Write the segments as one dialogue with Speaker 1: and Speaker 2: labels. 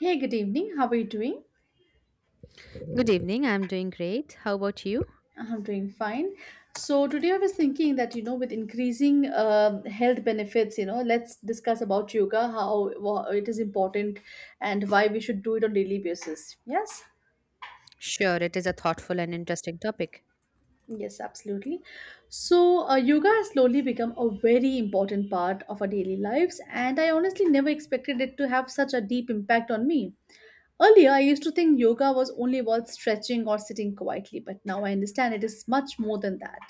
Speaker 1: Hey, good evening. How are you doing?
Speaker 2: Good evening. I'm doing great. How about you?
Speaker 1: I'm doing fine. So today I was thinking that with increasing health benefits, let's discuss about yoga, how it is important, and why we should do it on daily basis. Yes,
Speaker 2: Sure, it is a thoughtful and interesting topic.
Speaker 1: yes, absolutely. So yoga has slowly become a very important part of our daily lives, and I honestly never expected it to have such a deep impact on me. Earlier, I used to think yoga was only about stretching or sitting quietly, but now I understand it is much more than that.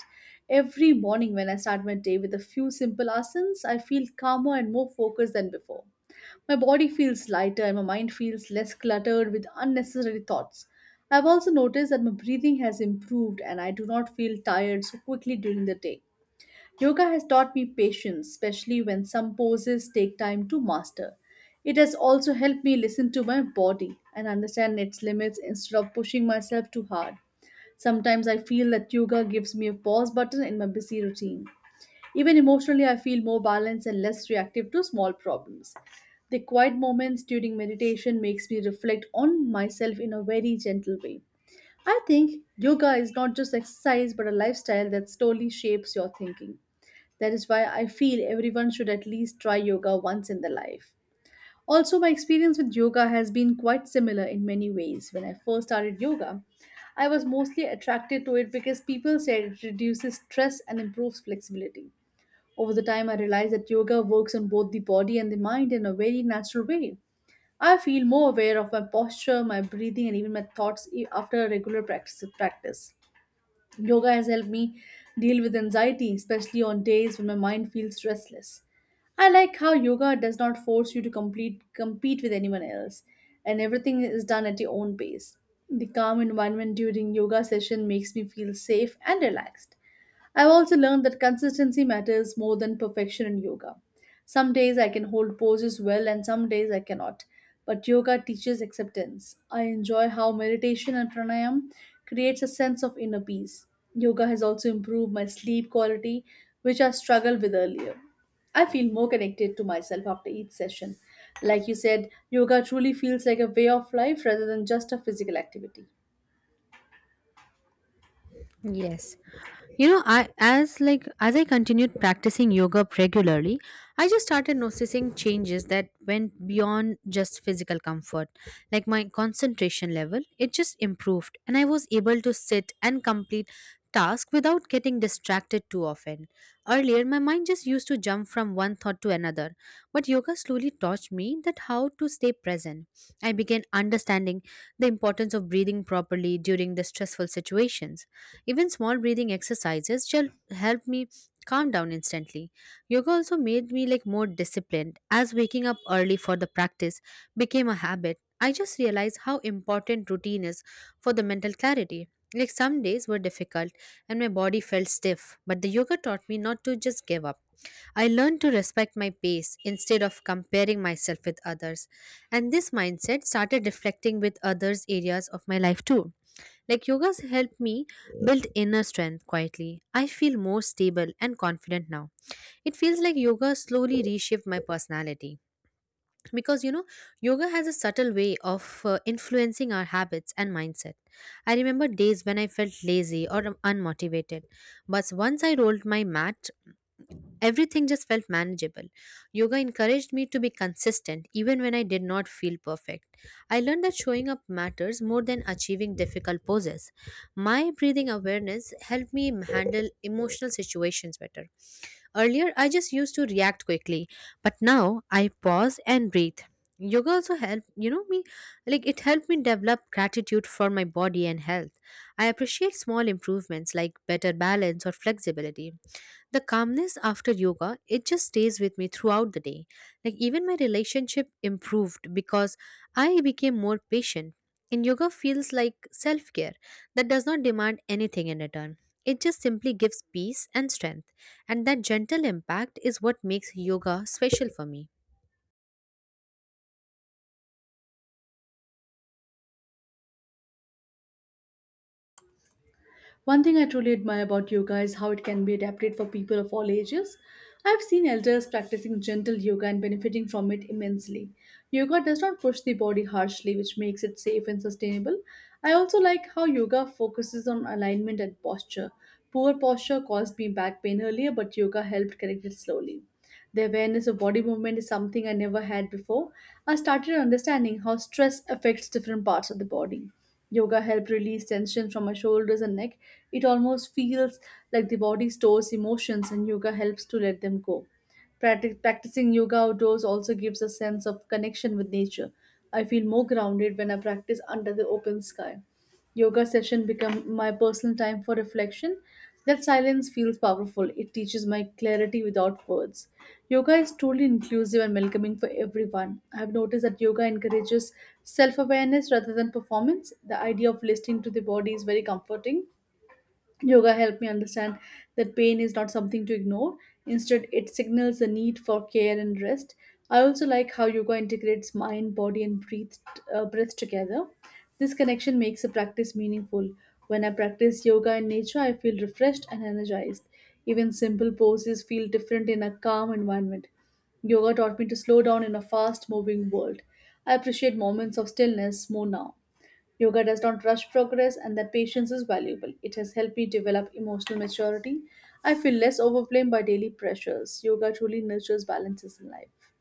Speaker 1: Every morning, when I start my day with a few simple asanas, I feel calmer and more focused than before. My body feels lighter and my mind feels less cluttered with unnecessary thoughts. I've also noticed that my breathing has improved and I do not feel tired so quickly during the day. Yoga has taught me patience, especially when some poses take time to master. It has also helped me listen to my body and understand its limits instead of pushing myself too hard. Sometimes I feel that yoga gives me a pause button in my busy routine. Even emotionally, I feel more balanced and less reactive to small problems. The quiet moments during meditation makes me reflect on myself in a very gentle way. I think yoga is not just exercise but a lifestyle that slowly shapes your thinking. That is why I feel everyone should at least try yoga once in their life. Also, my experience with yoga has been quite similar in many ways. When I first started yoga, I was mostly attracted to it because people said it reduces stress and improves flexibility. Over the time, I realized that yoga works on both the body and the mind in a very natural way. I feel more aware of my posture, my breathing, and even my thoughts after a regular practice. Yoga has helped me deal with anxiety, especially on days when my mind feels restless. I like how yoga does not force you to complete compete with anyone else, and everything is done at your own pace. The calm environment during yoga session makes me feel safe and relaxed. I've also learned that consistency matters more than perfection in yoga. Some days I can hold poses well and some days I cannot. But yoga teaches acceptance. I enjoy how meditation and pranayam creates a sense of inner peace. Yoga has also improved my sleep quality, which I struggled with earlier. I feel more connected to myself after each session. Like you said, yoga truly feels like a way of life rather than just a physical activity.
Speaker 2: Yes. I as I continued practicing yoga regularly, I just started noticing changes that went beyond just physical comfort. Like my concentration level, it just improved and I was able to sit and complete tasks without getting distracted too often. Earlier my mind just used to jump from one thought to another, but yoga slowly taught me that how to stay present. I began understanding the importance of breathing properly during the stressful situations, even small breathing exercises shall help me calm down instantly. Yoga also made me like more disciplined as waking up early for the practice became a habit. I just realized how important routine is for the mental clarity. Like some days were difficult and my body felt stiff, but the yoga taught me not to just give up. I learned to respect my pace instead of comparing myself with others. And this mindset started reflecting with others' areas of my life too. Like yoga's helped me build inner strength quietly. I feel more stable and confident now. It feels like yoga slowly reshaped my personality because yoga has a subtle way of influencing our habits and mindset. I remember days when I felt lazy or unmotivated, but once I rolled my mat, everything just felt manageable. Yoga encouraged me to be consistent even when I did not feel perfect. I learned that showing up matters more than achieving difficult poses. My breathing awareness helped me handle emotional situations better. Earlier, I just used to react quickly, but now I pause and breathe. Yoga also helped me. It helped me develop gratitude for my body and health. I appreciate small improvements like better balance or flexibility. The calmness after yoga, it just stays with me throughout the day. Like even my relationship improved because I became more patient. And yoga feels like self-care that does not demand anything in return. It just simply gives peace and strength. And that gentle impact is what makes yoga special for me.
Speaker 1: One thing I truly admire about yoga is how it can be adapted for people of all ages. I've seen elders practicing gentle yoga and benefiting from it immensely. Yoga does not push the body harshly, which makes it safe and sustainable. I also like how yoga focuses on alignment and posture. Poor posture caused me back pain earlier, but yoga helped correct it slowly. The awareness of body movement is something I never had before. I started understanding how stress affects different parts of the body. Yoga helped release tension from my shoulders and neck. It almost feels like the body stores emotions and yoga helps to let them go. Practicing yoga outdoors also gives a sense of connection with nature. I feel more grounded when I practice under the open sky. Yoga session become my personal time for reflection. That silence feels powerful. It teaches my clarity without words. Yoga is truly inclusive and welcoming for everyone. I have noticed that yoga encourages self awareness rather than performance. The idea of listening to the body is very comforting. Yoga helped me understand that pain is not something to ignore. Instead, it signals the need for care and rest. I also like how yoga integrates mind, body, and breath, breath together. This connection makes the practice meaningful. When I practice yoga in nature, I feel refreshed and energized. Even simple poses feel different in a calm environment. Yoga taught me to slow down in a fast moving world. I appreciate moments of stillness more now. Yoga does not rush progress, and that patience is valuable. It has helped me develop emotional maturity. I feel less overwhelmed by daily pressures. Yoga truly nurtures balances in life.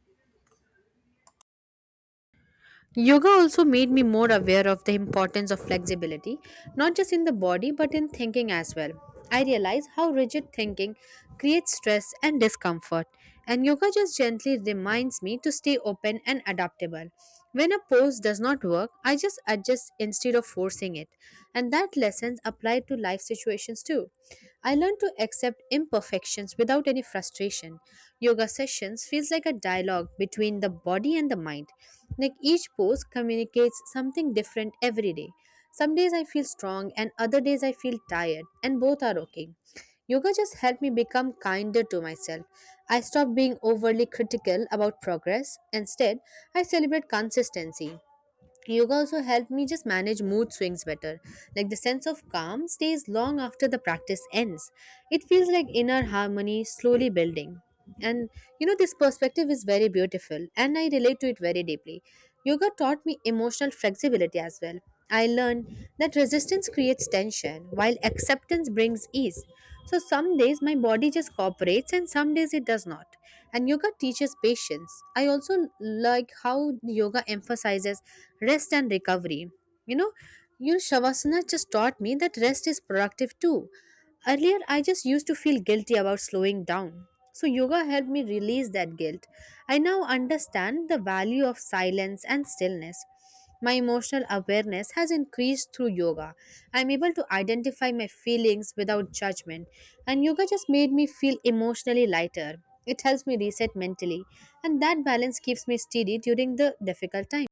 Speaker 2: Yoga also made me more aware of the importance of flexibility, not just in the body but in thinking as well. I realize how rigid thinking creates stress and discomfort, and yoga just gently reminds me to stay open and adaptable. When a pose does not work, I just adjust instead of forcing it, and that lesson apply to life situations too. I learned to accept imperfections without any frustration. Yoga sessions feels like a dialogue between the body and the mind. Like each pose communicates something different every day. Some days I feel strong and other days I feel tired, and both are okay. Yoga just helped me become kinder to myself. I stopped being overly critical about progress. Instead, I celebrate consistency. Yoga also helped me just manage mood swings better. Like the sense of calm stays long after the practice ends. It feels like inner harmony slowly building. And this perspective is very beautiful and I relate to it very deeply. Yoga taught me emotional flexibility as well. I learned that resistance creates tension while acceptance brings ease. So some days my body just cooperates and some days it does not. And yoga teaches patience. I also like how yoga emphasizes rest and recovery. You know, your Shavasana just taught me that rest is productive too. Earlier, I just used to feel guilty about slowing down. So, yoga helped me release that guilt. I now understand the value of silence and stillness. My emotional awareness has increased through yoga. I'm able to identify my feelings without judgment, and yoga just made me feel emotionally lighter. It helps me reset mentally, and that balance keeps me steady during the difficult times.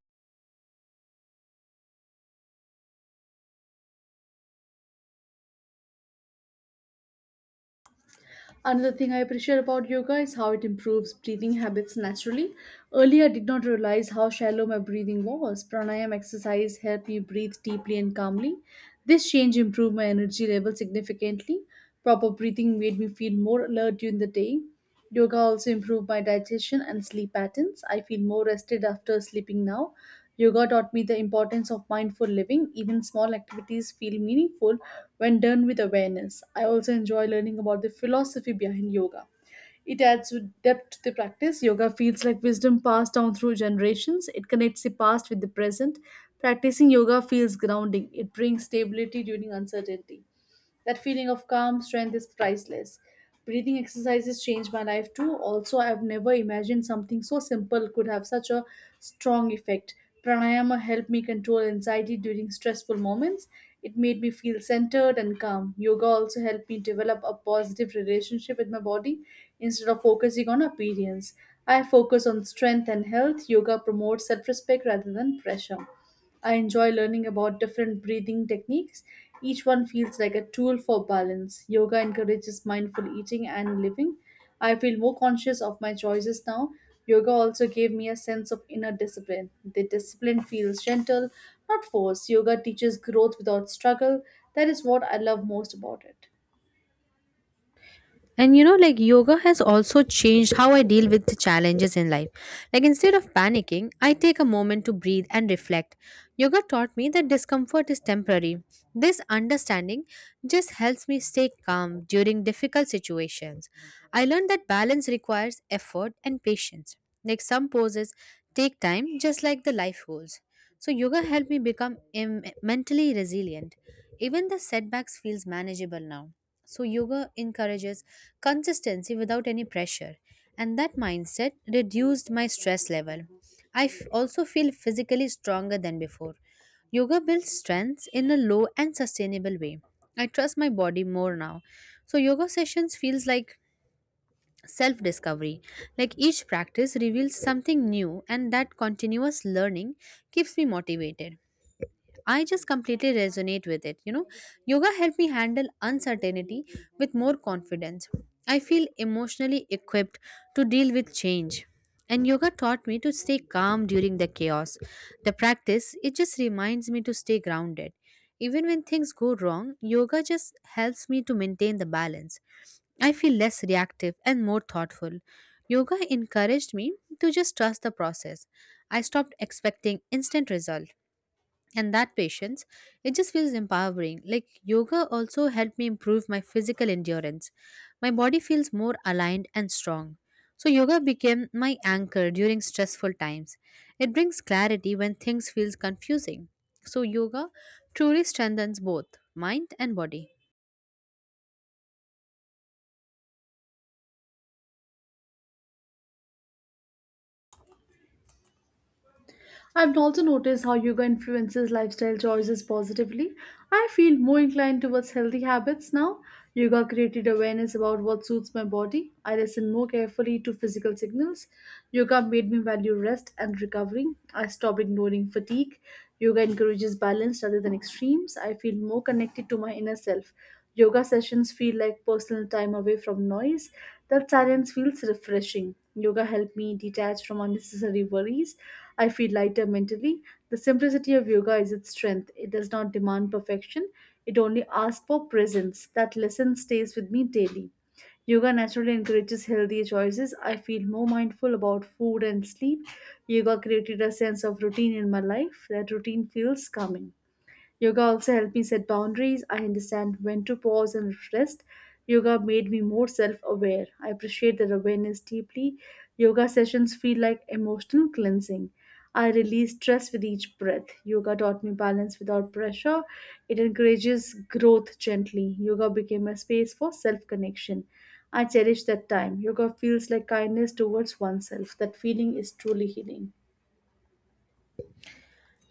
Speaker 1: Another thing I appreciate about yoga is how it improves breathing habits naturally. Earlier, I did not realize how shallow my breathing was. Pranayam exercise helped me breathe deeply and calmly. This change improved my energy level significantly. Proper breathing made me feel more alert during the day. Yoga also improved my digestion and sleep patterns. I feel more rested after sleeping now. Yoga taught me the importance of mindful living. Even small activities feel meaningful when done with awareness. I also enjoy learning about the philosophy behind yoga. It adds depth to the practice. Yoga feels like wisdom passed down through generations. It connects the past with the present. Practicing yoga feels grounding. It brings stability during uncertainty. That feeling of calm strength is priceless. Breathing exercises changed my life too. Also, I've never imagined something so simple could have such a strong effect. Pranayama helped me control anxiety during stressful moments. It made me feel centered and calm. Yoga also helped me develop a positive relationship with my body instead of focusing on appearance. I focus on strength and health. Yoga promotes self respect rather than pressure. I enjoy learning about different breathing techniques. Each one feels like a tool for balance. Yoga encourages mindful eating and living. I feel more conscious of my choices now. Yoga also gave me a sense of inner discipline. The discipline feels gentle, not forced. Yoga teaches growth without struggle. That is what I love most about it.
Speaker 2: And yoga has also changed how I deal with the challenges in life. Like instead of panicking, I take a moment to breathe and reflect. Yoga taught me that discomfort is temporary. This understanding just helps me stay calm during difficult situations. I learned that balance requires effort and patience. Like some poses take time, just like the life goals. So yoga helped me become mentally resilient. Even the setbacks feels manageable now. So yoga encourages consistency without any pressure, and that mindset reduced my stress level. I also feel physically stronger than before. Yoga builds strength in a low and sustainable way. I trust my body more now. So yoga sessions feels like self discovery. Like each practice reveals something new, and that continuous learning keeps me motivated. I just completely resonate with it. Yoga helped me handle uncertainty with more confidence. I feel emotionally equipped to deal with change. And yoga taught me to stay calm during the chaos. The practice, it just reminds me to stay grounded. Even when things go wrong, yoga just helps me to maintain the balance. I feel less reactive and more thoughtful. Yoga encouraged me to just trust the process. I stopped expecting instant results, and that patience, it just feels empowering. Like yoga also helped me improve my physical endurance. My body feels more aligned and strong. So yoga became my anchor during stressful times. It brings clarity when things feels confusing. So yoga truly strengthens both mind and body.
Speaker 1: I've also noticed how yoga influences lifestyle choices positively. I feel more inclined towards healthy habits now. Yoga created awareness about what suits my body. I listen more carefully to physical signals. Yoga made me value rest and recovery. I stopped ignoring fatigue. Yoga encourages balance rather than extremes. I feel more connected to my inner self. Yoga sessions feel like personal time away from noise. That silence feels refreshing. Yoga helped me detach from unnecessary worries. I feel lighter mentally. The simplicity of yoga is its strength. It does not demand perfection, it only asks for presence. That lesson stays with me daily. Yoga naturally encourages healthier choices. I feel more mindful about food and sleep. Yoga created a sense of routine in my life. That routine feels calming. Yoga also helped me set boundaries. I understand when to pause and rest. Yoga made me more self aware. I appreciate that awareness deeply. Yoga sessions feel like emotional cleansing. I release stress with each breath. Yoga taught me balance without pressure. It encourages growth gently. Yoga became a space for self connection. I cherish that time. Yoga feels like kindness towards oneself. That feeling is truly healing.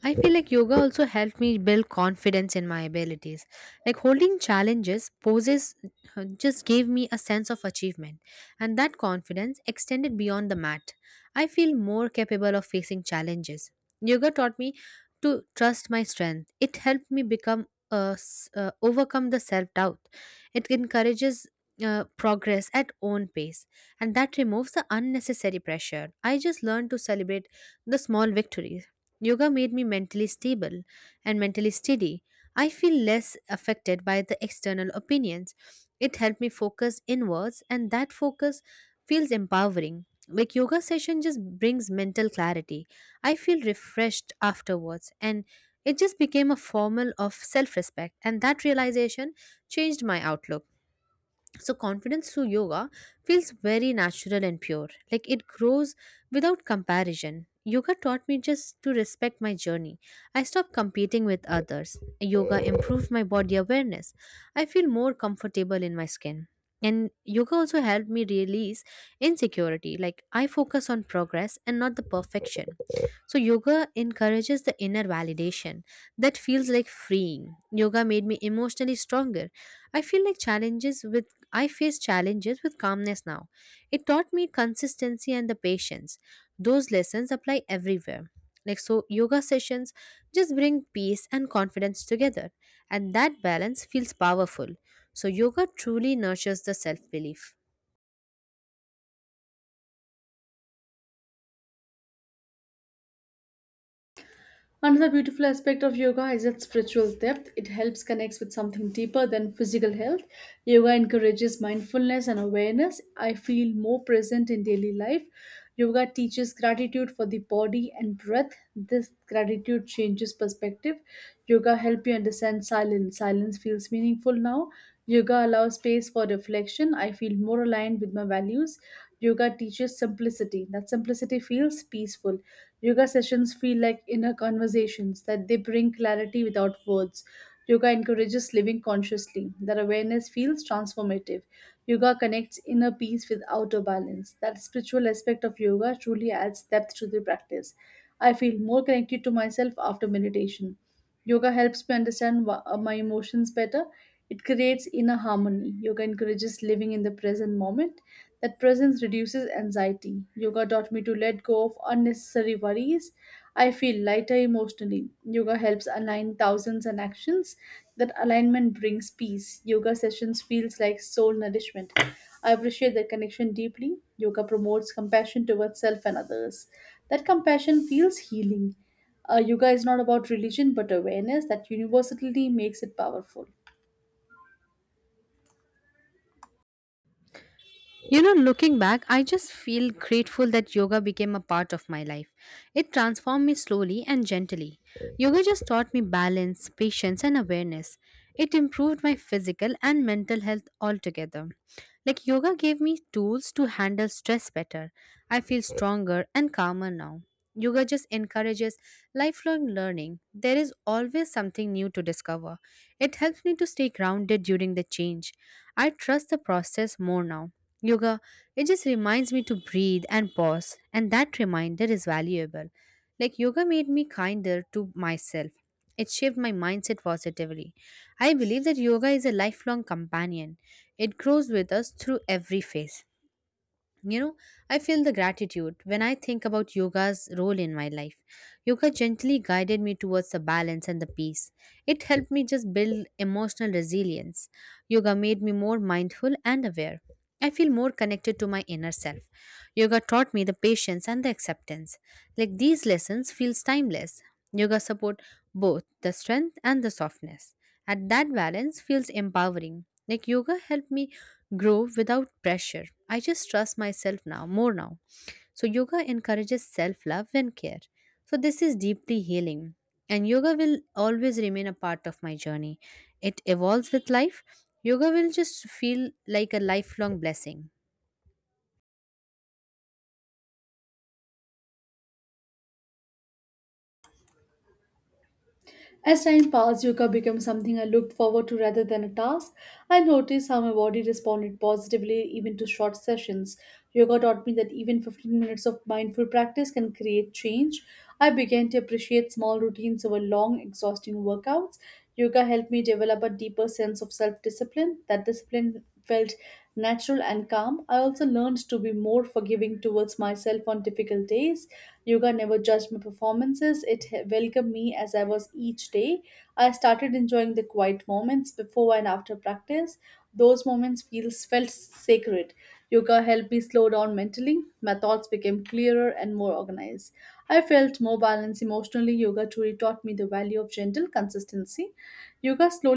Speaker 2: I feel like yoga also helped me build confidence in my abilities. Like holding challenges, poses just gave me a sense of achievement, and that confidence extended beyond the mat. I feel more capable of facing challenges. Yoga taught me to trust my strength. It helped me become overcome the self doubt. It encourages progress at own pace, and that removes the unnecessary pressure. I just learned to celebrate the small victories. Yoga made me mentally stable and mentally steady. I feel less affected by the external opinions. It helped me focus inwards, and that focus feels empowering. Like yoga session just brings mental clarity. I feel refreshed afterwards, and it just became a formal of self respect. And that realization changed my outlook. So, confidence through yoga feels very natural and pure. Like it grows without comparison. Yoga taught me just to respect my journey. I stopped competing with others. Yoga improved my body awareness. I feel more comfortable in my skin. And yoga also helped me release insecurity. Like I focus on progress and not the perfection. So, yoga encourages the inner validation that feels like freeing. Yoga made me emotionally stronger. I feel like challenges with I face challenges with calmness now. It taught me consistency and the patience. Those lessons apply everywhere. Like so yoga sessions just bring peace and confidence together, and that balance feels powerful. So yoga truly nurtures the self-belief.
Speaker 1: Another beautiful aspect of yoga is its spiritual depth. It helps connect with something deeper than physical health. Yoga encourages mindfulness and awareness. I feel more present in daily life. Yoga teaches gratitude for the body and breath. This gratitude changes perspective. Yoga helps you understand silence. Silence feels meaningful now. Yoga allows space for reflection. I feel more aligned with my values. Yoga teaches simplicity. That simplicity feels peaceful. Yoga sessions feel like inner conversations that they bring clarity without words. Yoga encourages living consciously. That awareness feels transformative. Yoga connects inner peace with outer balance. That spiritual aspect of yoga truly adds depth to the practice. I feel more connected to myself after meditation. Yoga helps me understand my emotions better. It creates inner harmony. Yoga encourages living in the present moment. That presence reduces anxiety. Yoga taught me to let go of unnecessary worries. I feel lighter emotionally. Yoga helps align thousands and actions. That alignment brings peace. Yoga sessions feels like soul nourishment. I appreciate that connection deeply. Yoga promotes compassion towards self and others. That compassion feels healing. Yoga is not about religion but awareness that universality makes it powerful.
Speaker 2: Looking back, I just feel grateful that yoga became a part of my life. It transformed me slowly and gently. Yoga just taught me balance, patience, and awareness. It improved my physical and mental health altogether. Like, yoga gave me tools to handle stress better. I feel stronger and calmer now. Yoga just encourages lifelong learning. There is always something new to discover. It helps me to stay grounded during the change. I trust the process more now. Yoga, it just reminds me to breathe and pause, and that reminder is valuable. Like, yoga made me kinder to myself. It shaped my mindset positively. I believe that yoga is a lifelong companion. It grows with us through every phase. You know, I feel the gratitude when I think about yoga's role in my life. Yoga gently guided me towards the balance and the peace. It helped me just build emotional resilience. Yoga made me more mindful and aware. I feel more connected to my inner self. Yoga taught me the patience and the acceptance. Like these lessons feels timeless. Yoga support both the strength and the softness. At that balance feels empowering. Like yoga helped me grow without pressure. I just trust myself now, more now. So, yoga encourages self love and care. So, this is deeply healing. And yoga will always remain a part of my journey. It evolves with life. Yoga will just feel like a lifelong blessing.
Speaker 1: As time passed, yoga became something I looked forward to rather than a task. I noticed how my body responded positively even to short sessions. Yoga taught me that even 15 minutes of mindful practice can create change. I began to appreciate small routines over long, exhausting workouts. Yoga helped me develop a deeper sense of self discipline. That discipline felt natural and calm. I also learned to be more forgiving towards myself on difficult days. Yoga never judged my performances, welcomed me as I was each day. I started enjoying the quiet moments before and after practice. Those moments feels felt sacred. Yoga helped me slow down mentally. My thoughts became clearer and more organized. I felt more balanced emotionally. Yoga truly taught me the value of gentle consistency. Yoga slowly